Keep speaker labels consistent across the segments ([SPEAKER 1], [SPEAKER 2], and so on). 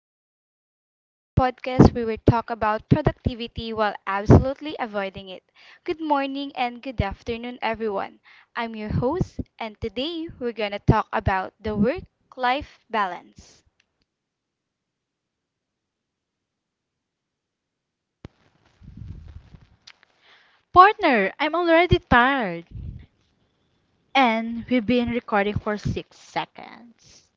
[SPEAKER 1] Clock Out, the podcast where we talk about productivity while absolutely avoiding it. Good morning and good afternoon, everyone. I'm your host, and today we're going to talk about the work life balance.
[SPEAKER 2] Partner, I'm already tired. And we've been recording for 6 seconds.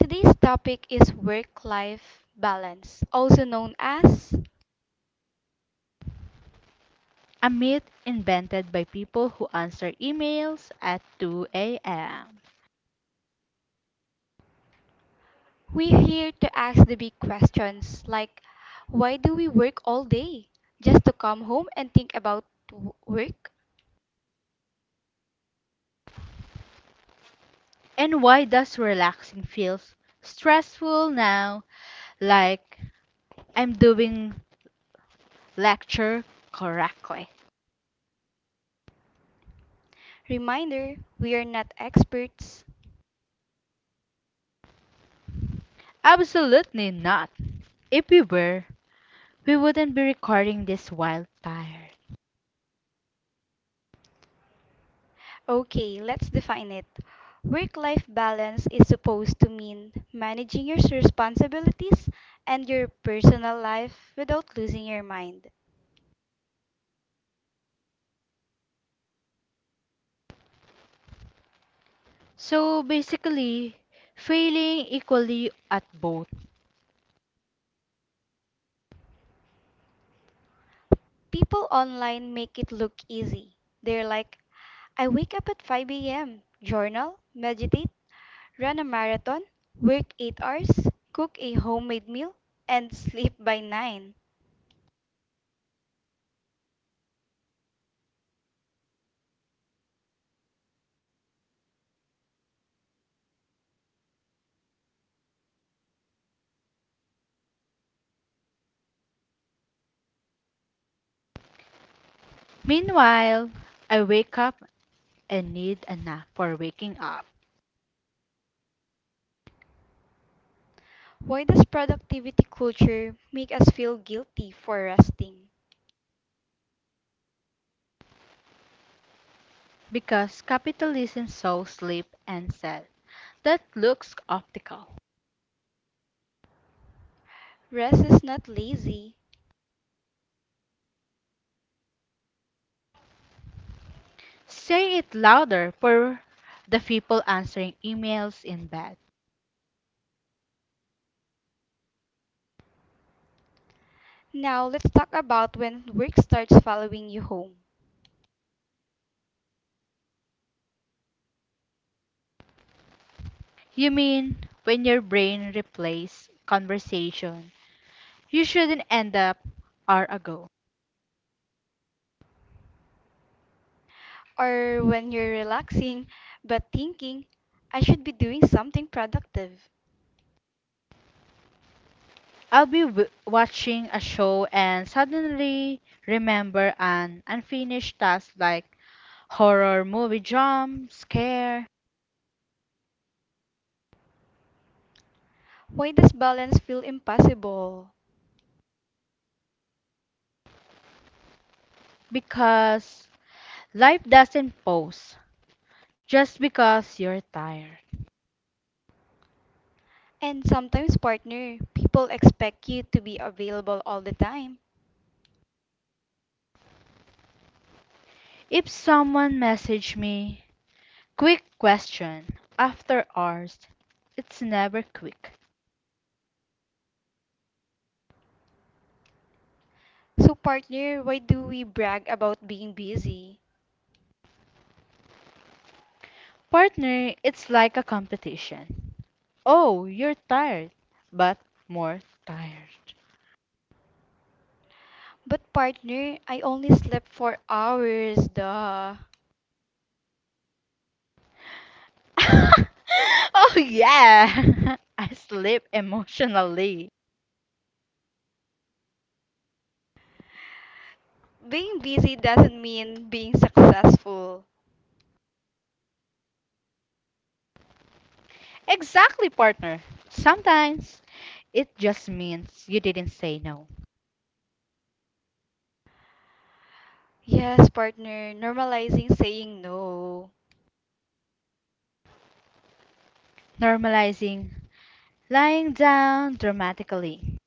[SPEAKER 1] Today's topic is work life balance, also known as.
[SPEAKER 2] A myth invented by people who answer emails at 2 a.m.
[SPEAKER 1] We're here to ask the big questions like, why do we work all day? Just to come home and think about work?
[SPEAKER 2] And why does relaxing feels stressful now? Like I'm doing lecture correctly.
[SPEAKER 1] Reminder, we are not experts.
[SPEAKER 2] Absolutely not. If we were, we wouldn't be recording this while tired.
[SPEAKER 1] Okay, let's define it. Work life balance is supposed to mean managing your responsibilities and your personal life without losing your mind.
[SPEAKER 2] So basically, failing equally at both.
[SPEAKER 1] People online make it look easy. They're like, I wake up at 5 a.m., journal, meditate, run a marathon, work 8 hours, cook a homemade meal, and sleep by 9.
[SPEAKER 2] Meanwhile, I wake up and need a nap for waking up.
[SPEAKER 1] Why does productivity culture make us feel guilty for resting?
[SPEAKER 2] Because capitalism so sleep and said, that looks optical.
[SPEAKER 1] Rest is not lazy.
[SPEAKER 2] Say it louder for the people answering emails in bed.
[SPEAKER 1] Now let's talk about when work starts following you home,
[SPEAKER 2] You mean when your brain replaces conversation, you shouldn't end up hour ago.
[SPEAKER 1] or when you're relaxing but thinking, I should be doing something productive.
[SPEAKER 2] I'll be watching a show and suddenly remember an unfinished task like horror movie jump scare.
[SPEAKER 1] Why does balance feel impossible?
[SPEAKER 2] Because life doesn't pause just because you're tired.
[SPEAKER 1] And sometimes, partner, people expect you to be available all the time.
[SPEAKER 2] If someone messaged me, quick question, after hours, it's never quick.
[SPEAKER 1] So, partner, why do we brag about being busy?
[SPEAKER 2] Partner, it's like a competition. Oh, you're tired, but more tired.
[SPEAKER 1] But, partner, I only slept for hours, duh.
[SPEAKER 2] Oh, yeah! I sleep emotionally.
[SPEAKER 1] Being busy doesn't mean being successful.
[SPEAKER 2] Exactly, partner. Sometimes it just means you didn't say no.
[SPEAKER 1] Yes, partner, normalizing saying no.
[SPEAKER 2] Normalizing, lying down dramatically.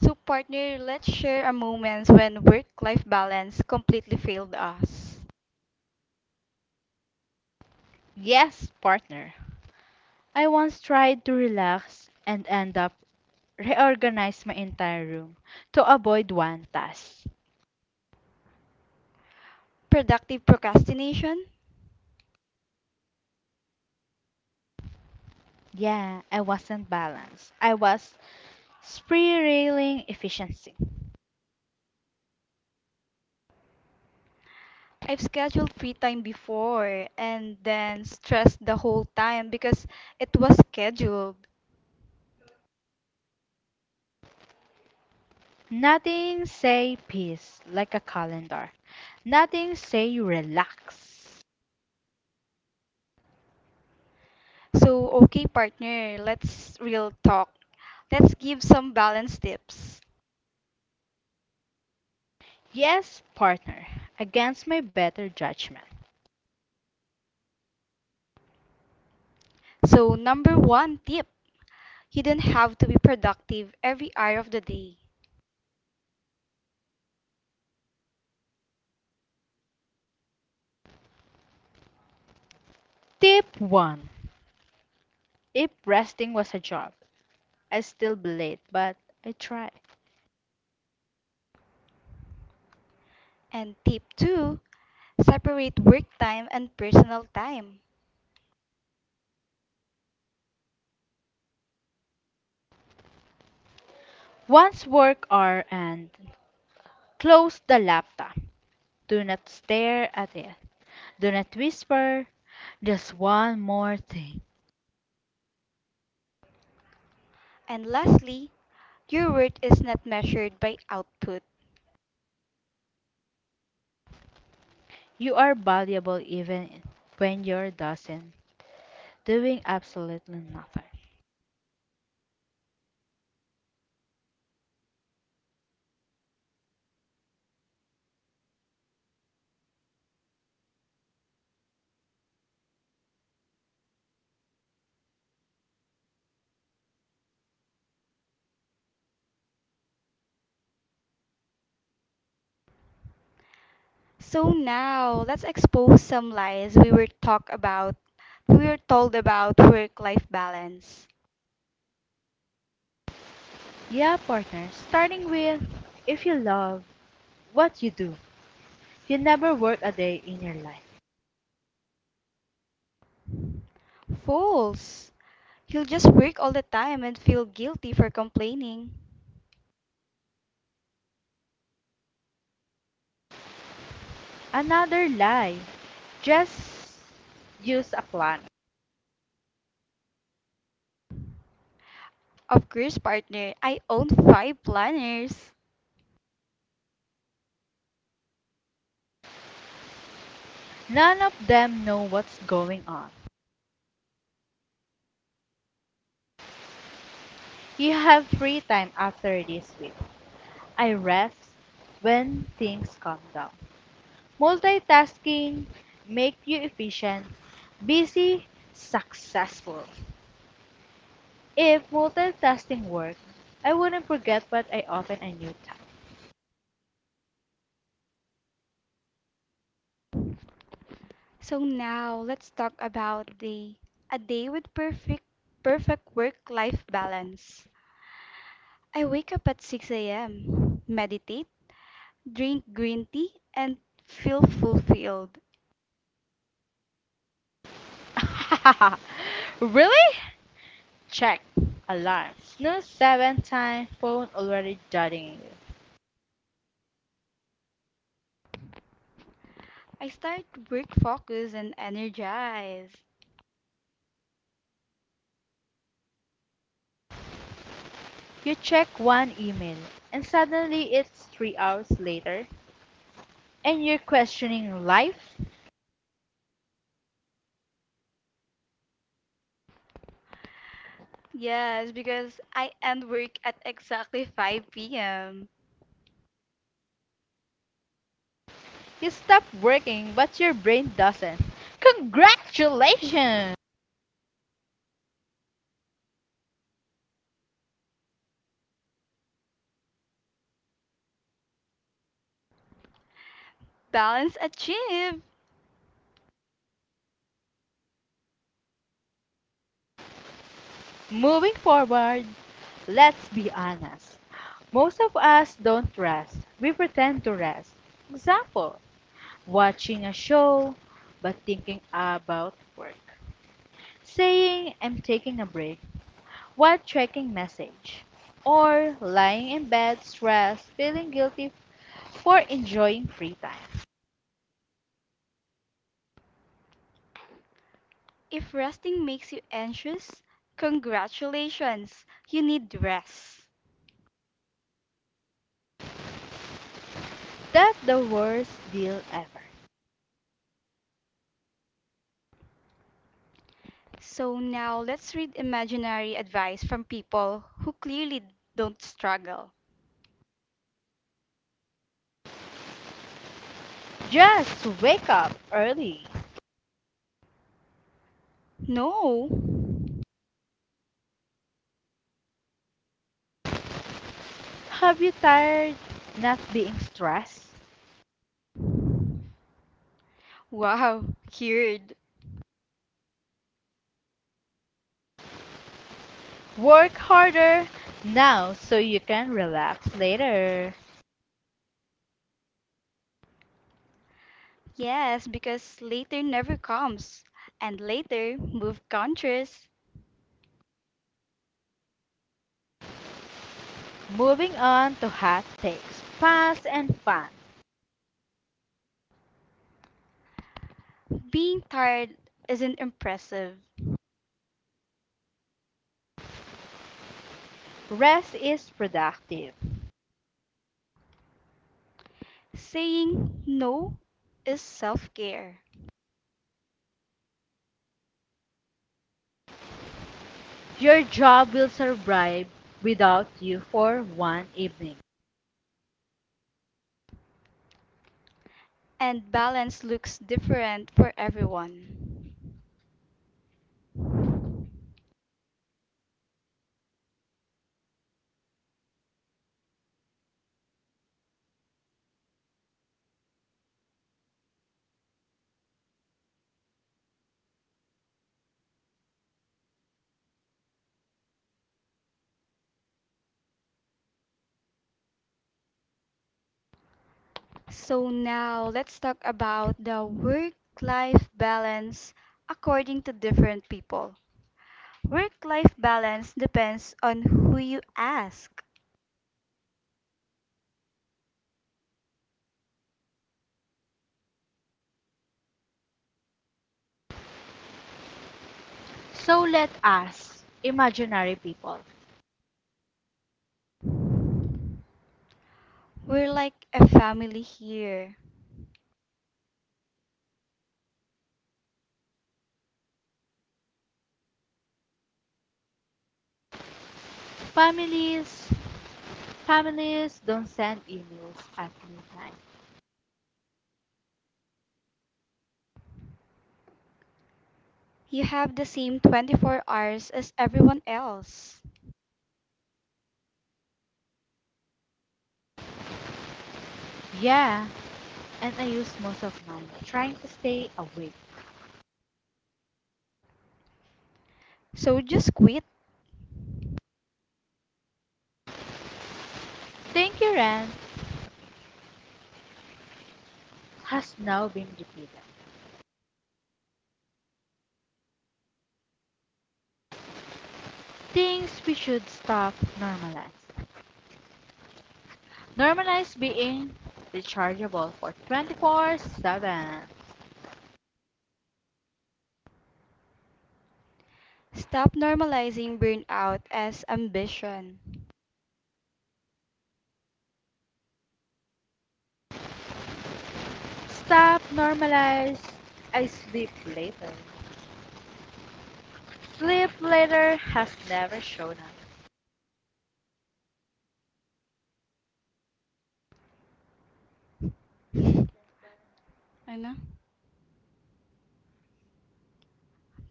[SPEAKER 1] So, partner, let's share a moment when work-life balance completely failed us.
[SPEAKER 2] Yes, partner. I once tried to relax and end up reorganize my entire room to avoid one task.
[SPEAKER 1] Productive procrastination?
[SPEAKER 2] Yeah, I wasn't balanced. I was spiraling efficiency.
[SPEAKER 1] I've scheduled free time before and then stressed the whole time because it was scheduled.
[SPEAKER 2] Nothing say peace like a calendar. Nothing say relax.
[SPEAKER 1] So, okay, partner, let's real talk. Let's give some balance tips.
[SPEAKER 2] Yes, partner, against my better judgment.
[SPEAKER 1] So, number one tip, you don't have to be productive every hour of the day.
[SPEAKER 2] Tip 1. If resting was a job, I still bleed, but I try.
[SPEAKER 1] And tip two, separate work time and personal time.
[SPEAKER 2] Once work hour and close the laptop. Do not stare at it. Do not whisper just one more thing.
[SPEAKER 1] And lastly, your worth is not measured by output.
[SPEAKER 2] You are valuable even when you're doesn't doing absolutely nothing.
[SPEAKER 1] So now, let's expose some lies we were talked about. We were told about work-life balance.
[SPEAKER 2] Yeah, partner, starting with if you love what you do, you never work a day in your life.
[SPEAKER 1] False. You'll just work all the time and feel guilty for complaining.
[SPEAKER 2] Another lie. Just use a planner.
[SPEAKER 1] Of course, partner, I own five planners.
[SPEAKER 2] None of them know what's going on. You have free time after this week. I rest when things calm down. Multitasking make you efficient, busy, successful. If multitasking worked, I wouldn't forget what I open a new tab.
[SPEAKER 1] So now let's talk about the a day with perfect work-life balance. I wake up at 6 a.m., meditate, drink green tea, and feel fulfilled.
[SPEAKER 2] Really? Check. Alarm. Snooze seven times, phone already judging you.
[SPEAKER 1] I start work focused and energized.
[SPEAKER 2] You check one email, and suddenly it's 3 hours later, and you're questioning life.
[SPEAKER 1] Yes, because I end work at exactly 5 p.m.
[SPEAKER 2] You stop working, but your brain doesn't. Congratulations!
[SPEAKER 1] Balance achieved!
[SPEAKER 2] Moving forward, let's be honest. Most of us don't rest. We pretend to rest. Example, watching a show but thinking about work. Saying I'm taking a break while checking message. Or lying in bed stressed, feeling guilty for enjoying free time.
[SPEAKER 1] If resting makes you anxious, congratulations, you need rest.
[SPEAKER 2] That's the worst deal ever.
[SPEAKER 1] So now let's read imaginary advice from people who clearly don't struggle.
[SPEAKER 2] Just wake up early.
[SPEAKER 1] No!
[SPEAKER 2] Have you tired not being stressed?
[SPEAKER 1] Wow, cured.
[SPEAKER 2] Work harder now so you can relax later.
[SPEAKER 1] Yes, because later never comes, and later move countries.
[SPEAKER 2] Moving on to hot takes. Pass and fun.
[SPEAKER 1] Being tired isn't impressive.
[SPEAKER 2] Rest is productive.
[SPEAKER 1] Saying no is self care,
[SPEAKER 2] Your job will survive without you for one evening.
[SPEAKER 1] and balance looks different for everyone. So, now let's talk about the work life balance according to different people. Work life balance depends on who you ask.
[SPEAKER 2] So let us, imaginary people,
[SPEAKER 1] We're like a family here.
[SPEAKER 2] families, families don't send emails at midnight.
[SPEAKER 1] You have the same 24 hours as everyone else.
[SPEAKER 2] Yeah, and I used most of mine trying to stay awake.
[SPEAKER 1] So just quit.
[SPEAKER 2] Thank you, Rand, has now been repeated. Things we should stop normalize. Normalize being rechargeable for 24/7.
[SPEAKER 1] Stop normalizing burnout as ambition.
[SPEAKER 2] Stop normalize. I sleep later. Sleep later has never shown up.
[SPEAKER 1] Ay na,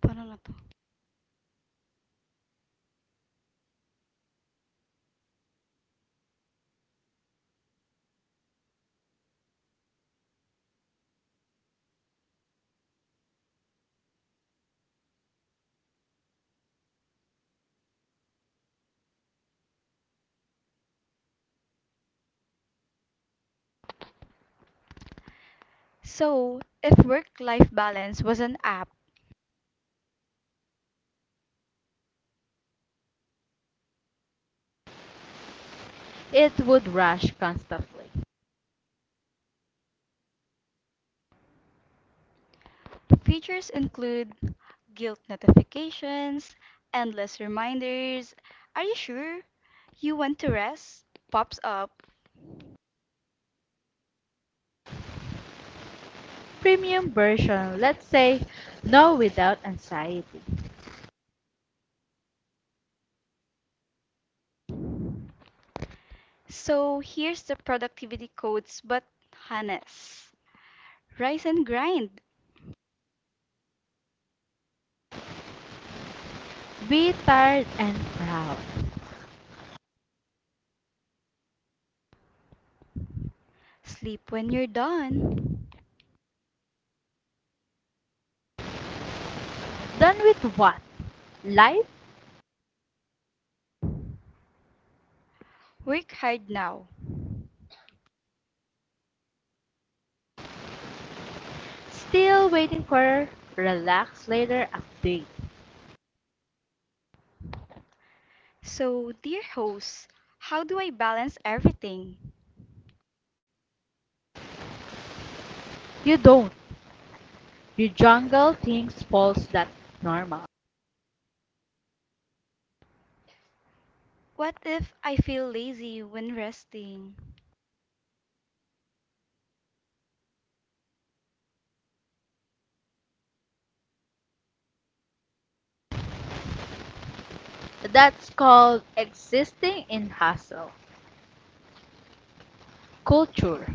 [SPEAKER 1] paano na to? So, if work-life balance was an app,
[SPEAKER 2] It would rush constantly.
[SPEAKER 1] features include guilt notifications, endless reminders, are you sure you want to rest? Pops up.
[SPEAKER 2] Premium version, let's say, no without anxiety.
[SPEAKER 1] So here's the productivity codes, but Hannes. Rise and grind.
[SPEAKER 2] Be tired and proud.
[SPEAKER 1] Sleep when you're done.
[SPEAKER 2] Done with what? Life?
[SPEAKER 1] Work hard now.
[SPEAKER 2] Still waiting for relax later update.
[SPEAKER 1] So, dear host, how do I balance everything?
[SPEAKER 2] You don't. You jungle things false that normal.
[SPEAKER 1] What if I feel lazy when resting?
[SPEAKER 2] That's called existing in hustle culture.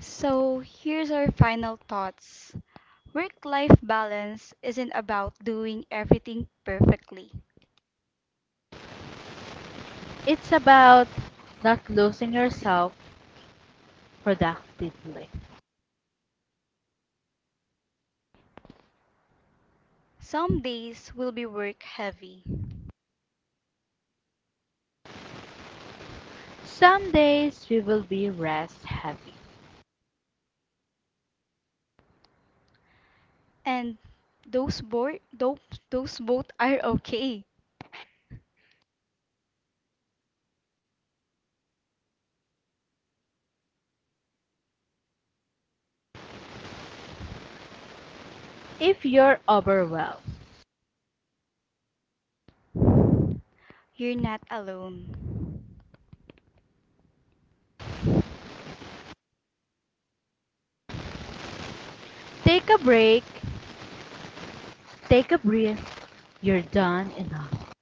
[SPEAKER 1] So, here's our final thoughts. Work life balance isn't about doing everything perfectly.
[SPEAKER 2] It's about not losing yourself productively.
[SPEAKER 1] Some days will be work heavy,
[SPEAKER 2] Some days we will be rest heavy.
[SPEAKER 1] and those, bo- those, those both are okay.
[SPEAKER 2] If you're overwhelmed,
[SPEAKER 1] You're not alone.
[SPEAKER 2] take a break, take a breath. You're done enough.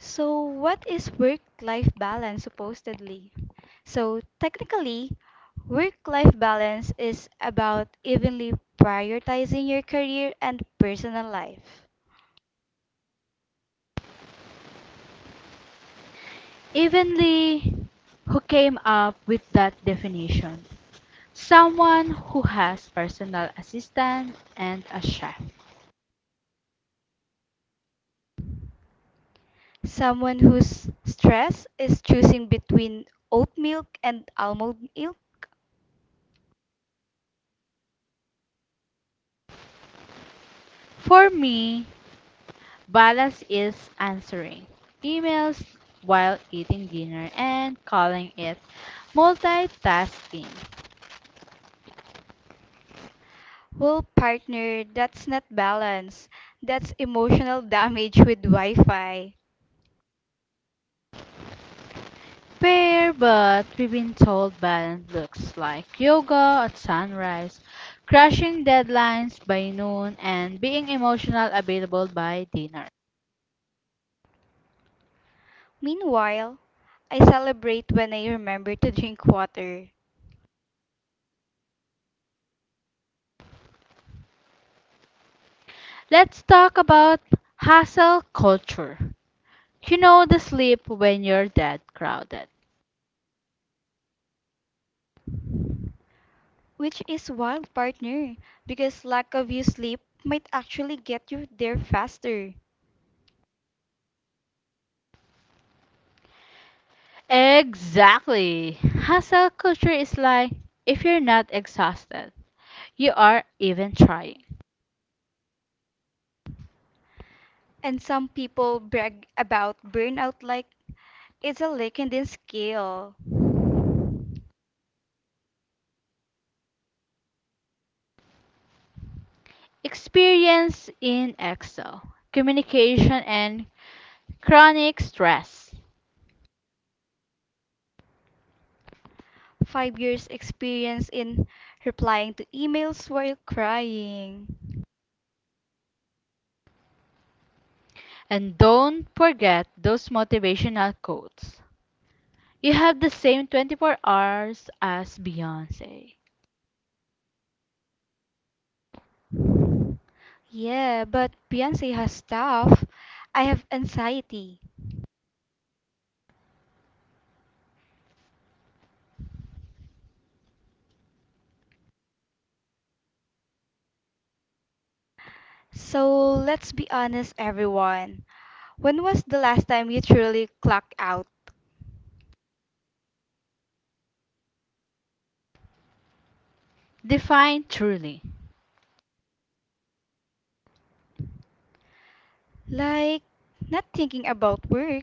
[SPEAKER 1] So, what is work life balance supposedly? So, technically, work life balance is about evenly prioritizing your career and personal life.
[SPEAKER 2] Evenly, who came up with that definition, someone who has personal assistant and a chef.
[SPEAKER 1] Someone whose stress is choosing between oat milk and almond milk.
[SPEAKER 2] For me, balance is answering emails while eating dinner and calling it multitasking.
[SPEAKER 1] Well, partner, that's not balance. That's emotional damage with Wi Fi.
[SPEAKER 2] Fair, but we've been told balance looks like yoga at sunrise, crushing deadlines by noon, and being emotional available by dinner.
[SPEAKER 1] Meanwhile, I celebrate when I remember to drink water.
[SPEAKER 2] Let's talk about hustle culture. You know the sleep when you're that crowded.
[SPEAKER 1] Which is wild, partner, because lack of you sleep might actually get you there faster.
[SPEAKER 2] Exactly. Hustle culture is like if you're not exhausted, you are even trying.
[SPEAKER 1] And some people brag about burnout like it's a LinkedIn skill.
[SPEAKER 2] Experience in Excel, communication and chronic stress.
[SPEAKER 1] 5 years experience in replying to emails while crying.
[SPEAKER 2] And don't forget those motivational quotes. You have the same 24 hours as Beyonce.
[SPEAKER 1] Yeah, but Beyonce has stuff. I have anxiety. So let's be honest, everyone. When was the last time you truly clocked out?
[SPEAKER 2] Define truly.
[SPEAKER 1] Like, not thinking about work.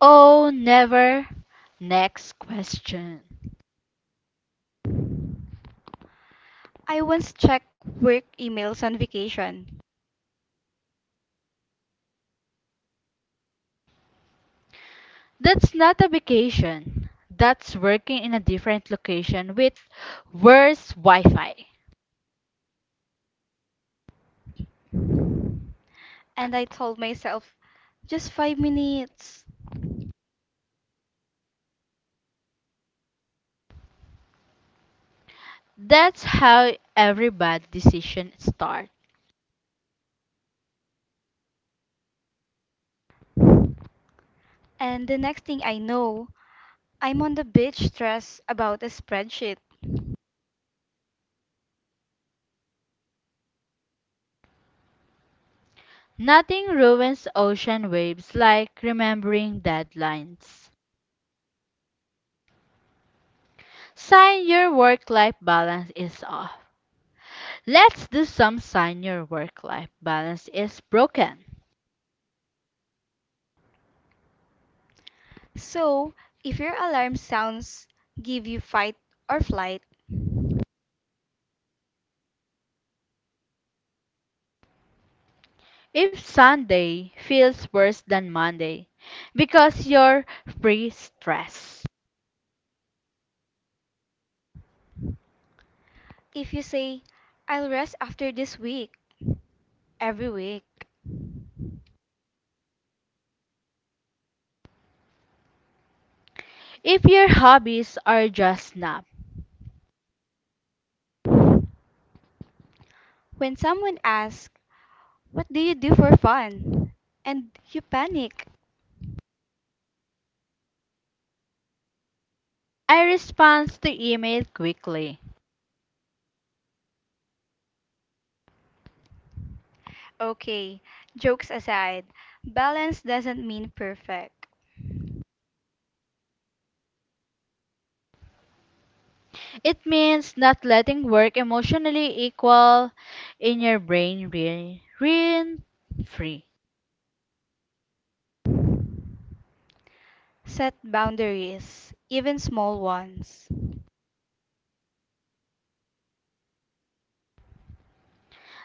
[SPEAKER 2] Oh, never. Next question.
[SPEAKER 1] I once checked work emails on vacation,
[SPEAKER 2] That's not a vacation. That's working in a different location with worse Wi Fi.
[SPEAKER 1] and I told myself, just 5 minutes.
[SPEAKER 2] That's how every bad decision starts.
[SPEAKER 1] And the next thing I know, I'm on the beach stressed about a spreadsheet.
[SPEAKER 2] Nothing ruins ocean waves like remembering deadlines. Sign your work life balance is off. Let's do some sign your work life balance is broken.
[SPEAKER 1] So, if your alarm sounds give you fight or flight,
[SPEAKER 2] If Sunday feels worse than Monday because you're free stress.
[SPEAKER 1] if you say, I'll rest after this week, every week.
[SPEAKER 2] If your hobbies are just nap,
[SPEAKER 1] When someone asks, what do you do for fun? And you panic.
[SPEAKER 2] I respond to email quickly.
[SPEAKER 1] Okay, jokes aside, balance doesn't mean perfect.
[SPEAKER 2] It means not letting work emotionally equal in your brain rent free.
[SPEAKER 1] Set boundaries, even small ones.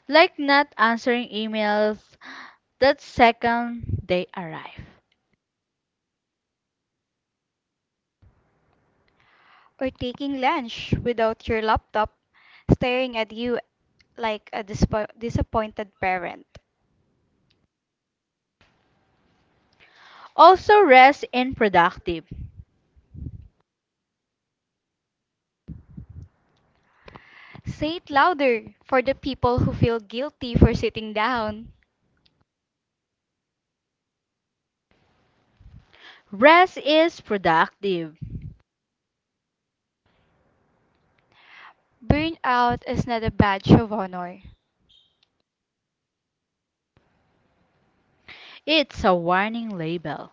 [SPEAKER 2] Like not answering emails that second they arrive.
[SPEAKER 1] Or taking lunch without your laptop staring at you like a disappointed parent.
[SPEAKER 2] Also rest in productive.
[SPEAKER 1] Say it louder for the people who feel guilty for sitting down.
[SPEAKER 2] Rest is productive.
[SPEAKER 1] Burnout is not a badge of honor.
[SPEAKER 2] It's a warning label.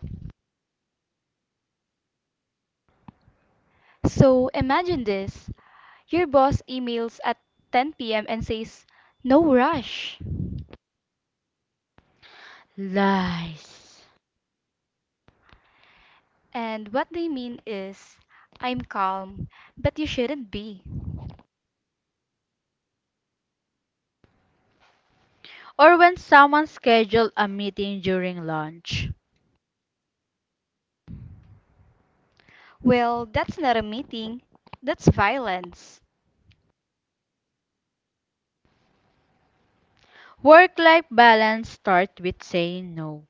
[SPEAKER 1] So imagine this, your boss emails at 10 p.m. and says, no rush.
[SPEAKER 2] Lies.
[SPEAKER 1] And what they mean is, I'm calm, but you shouldn't be.
[SPEAKER 2] Or when someone scheduled a meeting during lunch.
[SPEAKER 1] Well, that's not a meeting. That's violence.
[SPEAKER 2] Work life balance starts with saying no.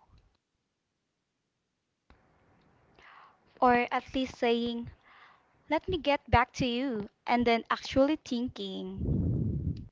[SPEAKER 1] Or at least saying, let me get back to you, and then actually thinking.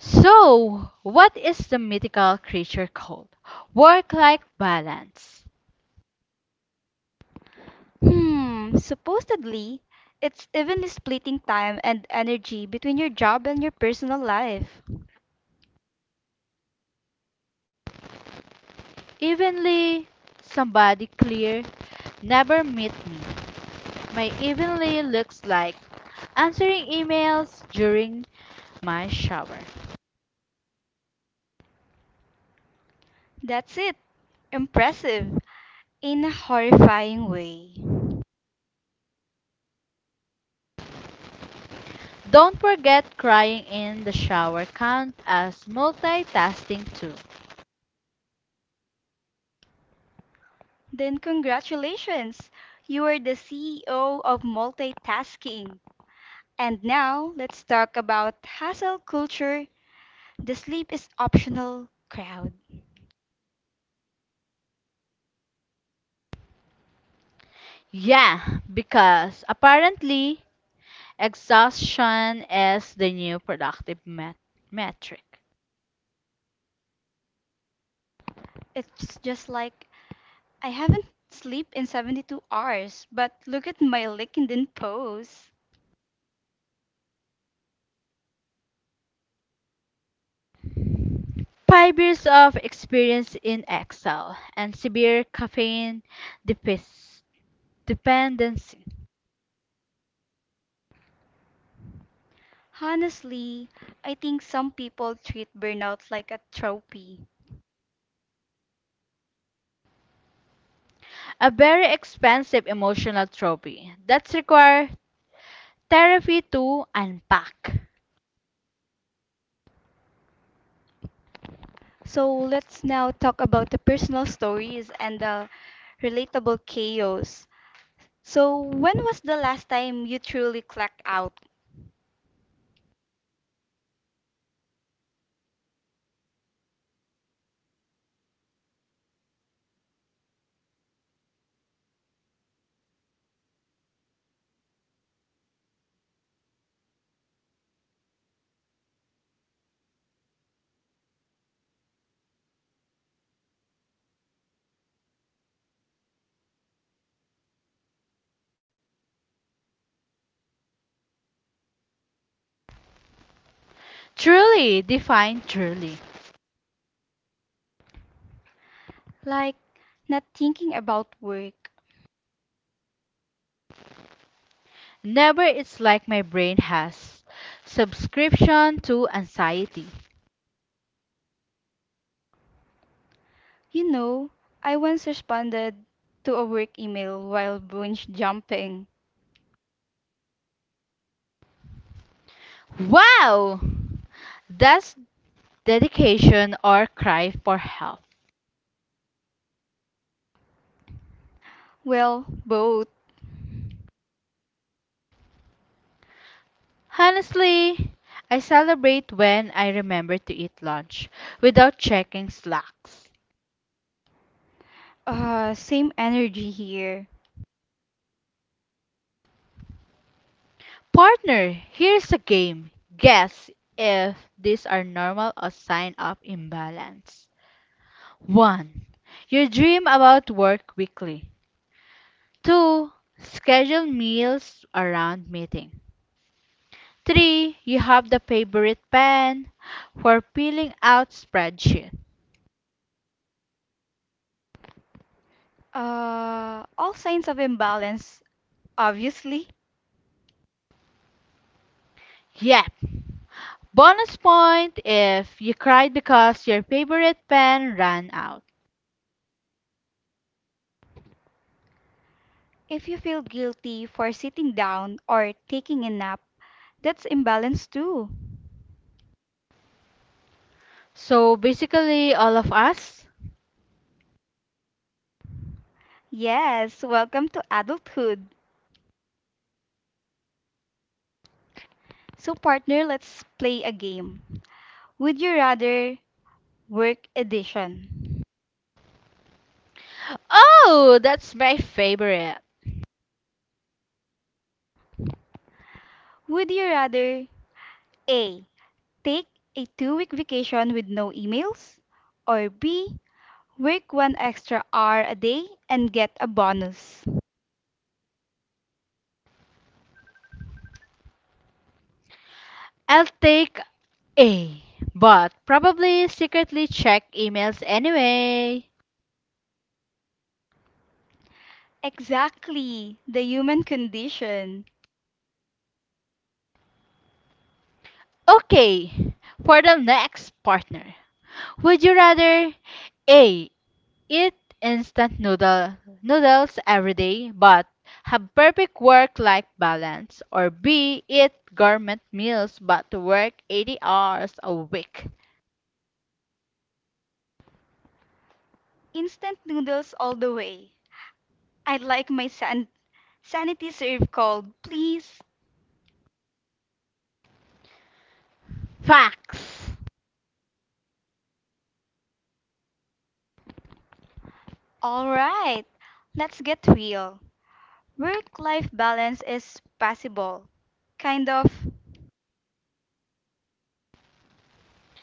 [SPEAKER 2] So, what is the mythical creature called? Work life balance.
[SPEAKER 1] Hmm, supposedly, it's evenly splitting time and energy between your job and your personal life.
[SPEAKER 2] Evenly, somebody clear, never meet me. My evenly looks like answering emails during my shower.
[SPEAKER 1] That's it. Impressive. In a horrifying way.
[SPEAKER 2] Don't forget crying in the shower count as multitasking too.
[SPEAKER 1] Then, congratulations! You are the CEO of multitasking. And now, let's talk about hustle culture, the sleep is optional crowd.
[SPEAKER 2] Yeah, because apparently exhaustion is the new productive metric.
[SPEAKER 1] It's just like, I haven't slept in 72 hours, but look at my LinkedIn post.
[SPEAKER 2] 5 years of experience in Excel and severe caffeine defic- dependency.
[SPEAKER 1] Honestly, I think some people treat burnout like a trophy.
[SPEAKER 2] A very expensive emotional trophy that's require therapy to unpack.
[SPEAKER 1] So let's now talk about the personal stories and the relatable chaos. So, when was the last time you truly clacked out?
[SPEAKER 2] Truly, define truly.
[SPEAKER 1] Like, not thinking about work.
[SPEAKER 2] Never it's like my brain has subscription to anxiety.
[SPEAKER 1] You know, I once responded to a work email while bunch jumping.
[SPEAKER 2] Wow! That's dedication or cry for help.
[SPEAKER 1] Well, both.
[SPEAKER 2] Honestly, I celebrate when I remember to eat lunch without checking slacks.
[SPEAKER 1] Same energy here.
[SPEAKER 2] Partner, here's a game. Guess if these are normal or sign up imbalance. 1. Your dream about work weekly. 2. Schedule meals around meeting. 3. You have the favorite pen for peeling out spreadsheet.
[SPEAKER 1] All signs of imbalance, obviously.
[SPEAKER 2] Yep. Bonus point if you cried because your favorite pen ran out.
[SPEAKER 1] If you feel guilty for sitting down or taking a nap, that's imbalance too.
[SPEAKER 2] So basically, all of us.
[SPEAKER 1] Yes, welcome to adulthood. So, partner, let's play a game. Would you rather, work edition?
[SPEAKER 2] Oh, that's my favorite.
[SPEAKER 1] Would you rather A, take a 2 week vacation with no emails, or B, work 1 extra hour a day and get a bonus?
[SPEAKER 2] I'll take A, but probably secretly check emails anyway.
[SPEAKER 1] Exactly, the human condition.
[SPEAKER 2] Okay, for the next partner. Would you rather A. Eat instant noodle noodles every day, but have perfect work-life balance. Or B. Eat gourmet meals, but work 80 hours a week.
[SPEAKER 1] Instant noodles all the way. I'd like my sanity served cold, please.
[SPEAKER 2] Facts.
[SPEAKER 1] Alright, let's get real. Work life balance is possible. Kind of.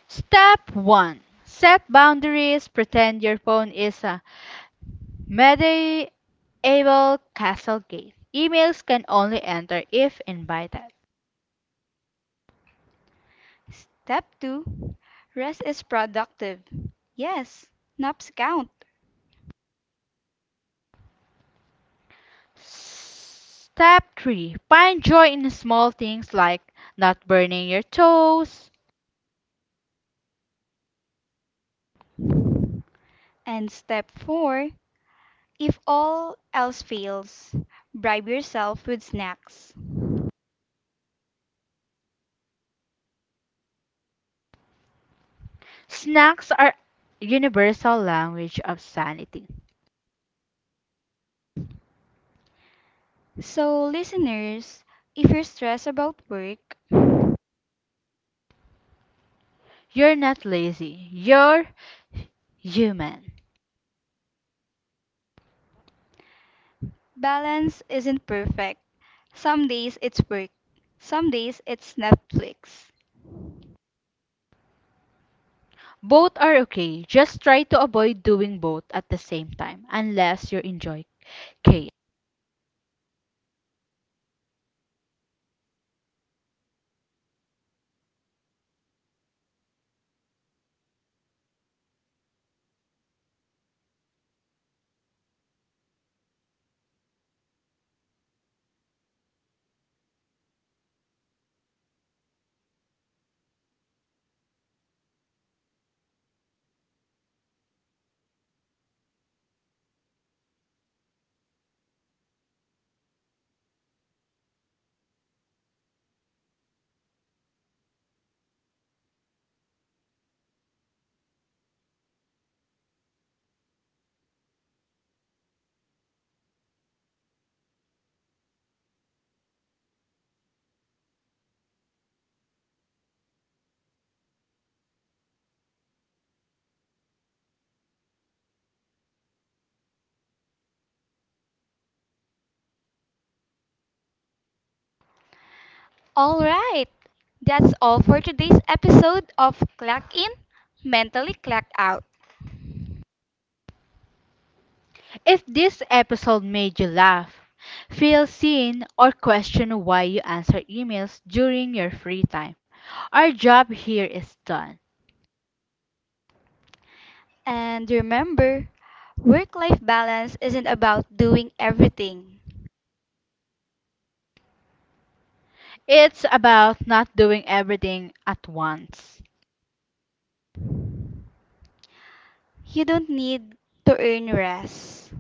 [SPEAKER 2] Step one: set boundaries. Pretend your phone is a medieval castle gate. Emails can only enter if invited.
[SPEAKER 1] Step 2, rest is productive. Yes, naps count.
[SPEAKER 2] Step 3. Find joy in small things like not burning your toes.
[SPEAKER 1] And step four, if all else fails, bribe yourself with snacks.
[SPEAKER 2] Snacks are universal language of sanity.
[SPEAKER 1] So, listeners, if you're stressed about work,
[SPEAKER 2] You're not lazy, you're human.
[SPEAKER 1] balance isn't perfect. Some days it's work, some days it's Netflix.
[SPEAKER 2] Both are okay. Just try to avoid doing both at the same time unless you enjoy chaos.
[SPEAKER 1] All right, that's all for today's episode of Clock In, Mentally Clock Out.
[SPEAKER 2] If this episode made you laugh, feel seen or question why you answer emails during your free time, our job here is done.
[SPEAKER 1] And remember, work life balance isn't about doing everything.
[SPEAKER 2] It's about not doing everything at once.
[SPEAKER 1] You don't need to earn rest.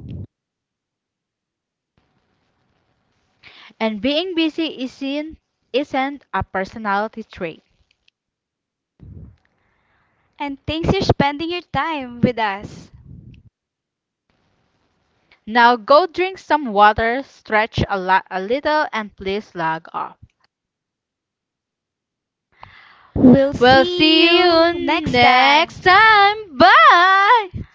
[SPEAKER 2] And being busy isn't a personality trait.
[SPEAKER 1] And thanks for spending your time with us.
[SPEAKER 2] Now go drink some water, stretch a little, and please log off.
[SPEAKER 1] We'll
[SPEAKER 2] We'll
[SPEAKER 1] see
[SPEAKER 2] see
[SPEAKER 1] you
[SPEAKER 2] you
[SPEAKER 1] next
[SPEAKER 2] next
[SPEAKER 1] time.
[SPEAKER 2] time. Bye!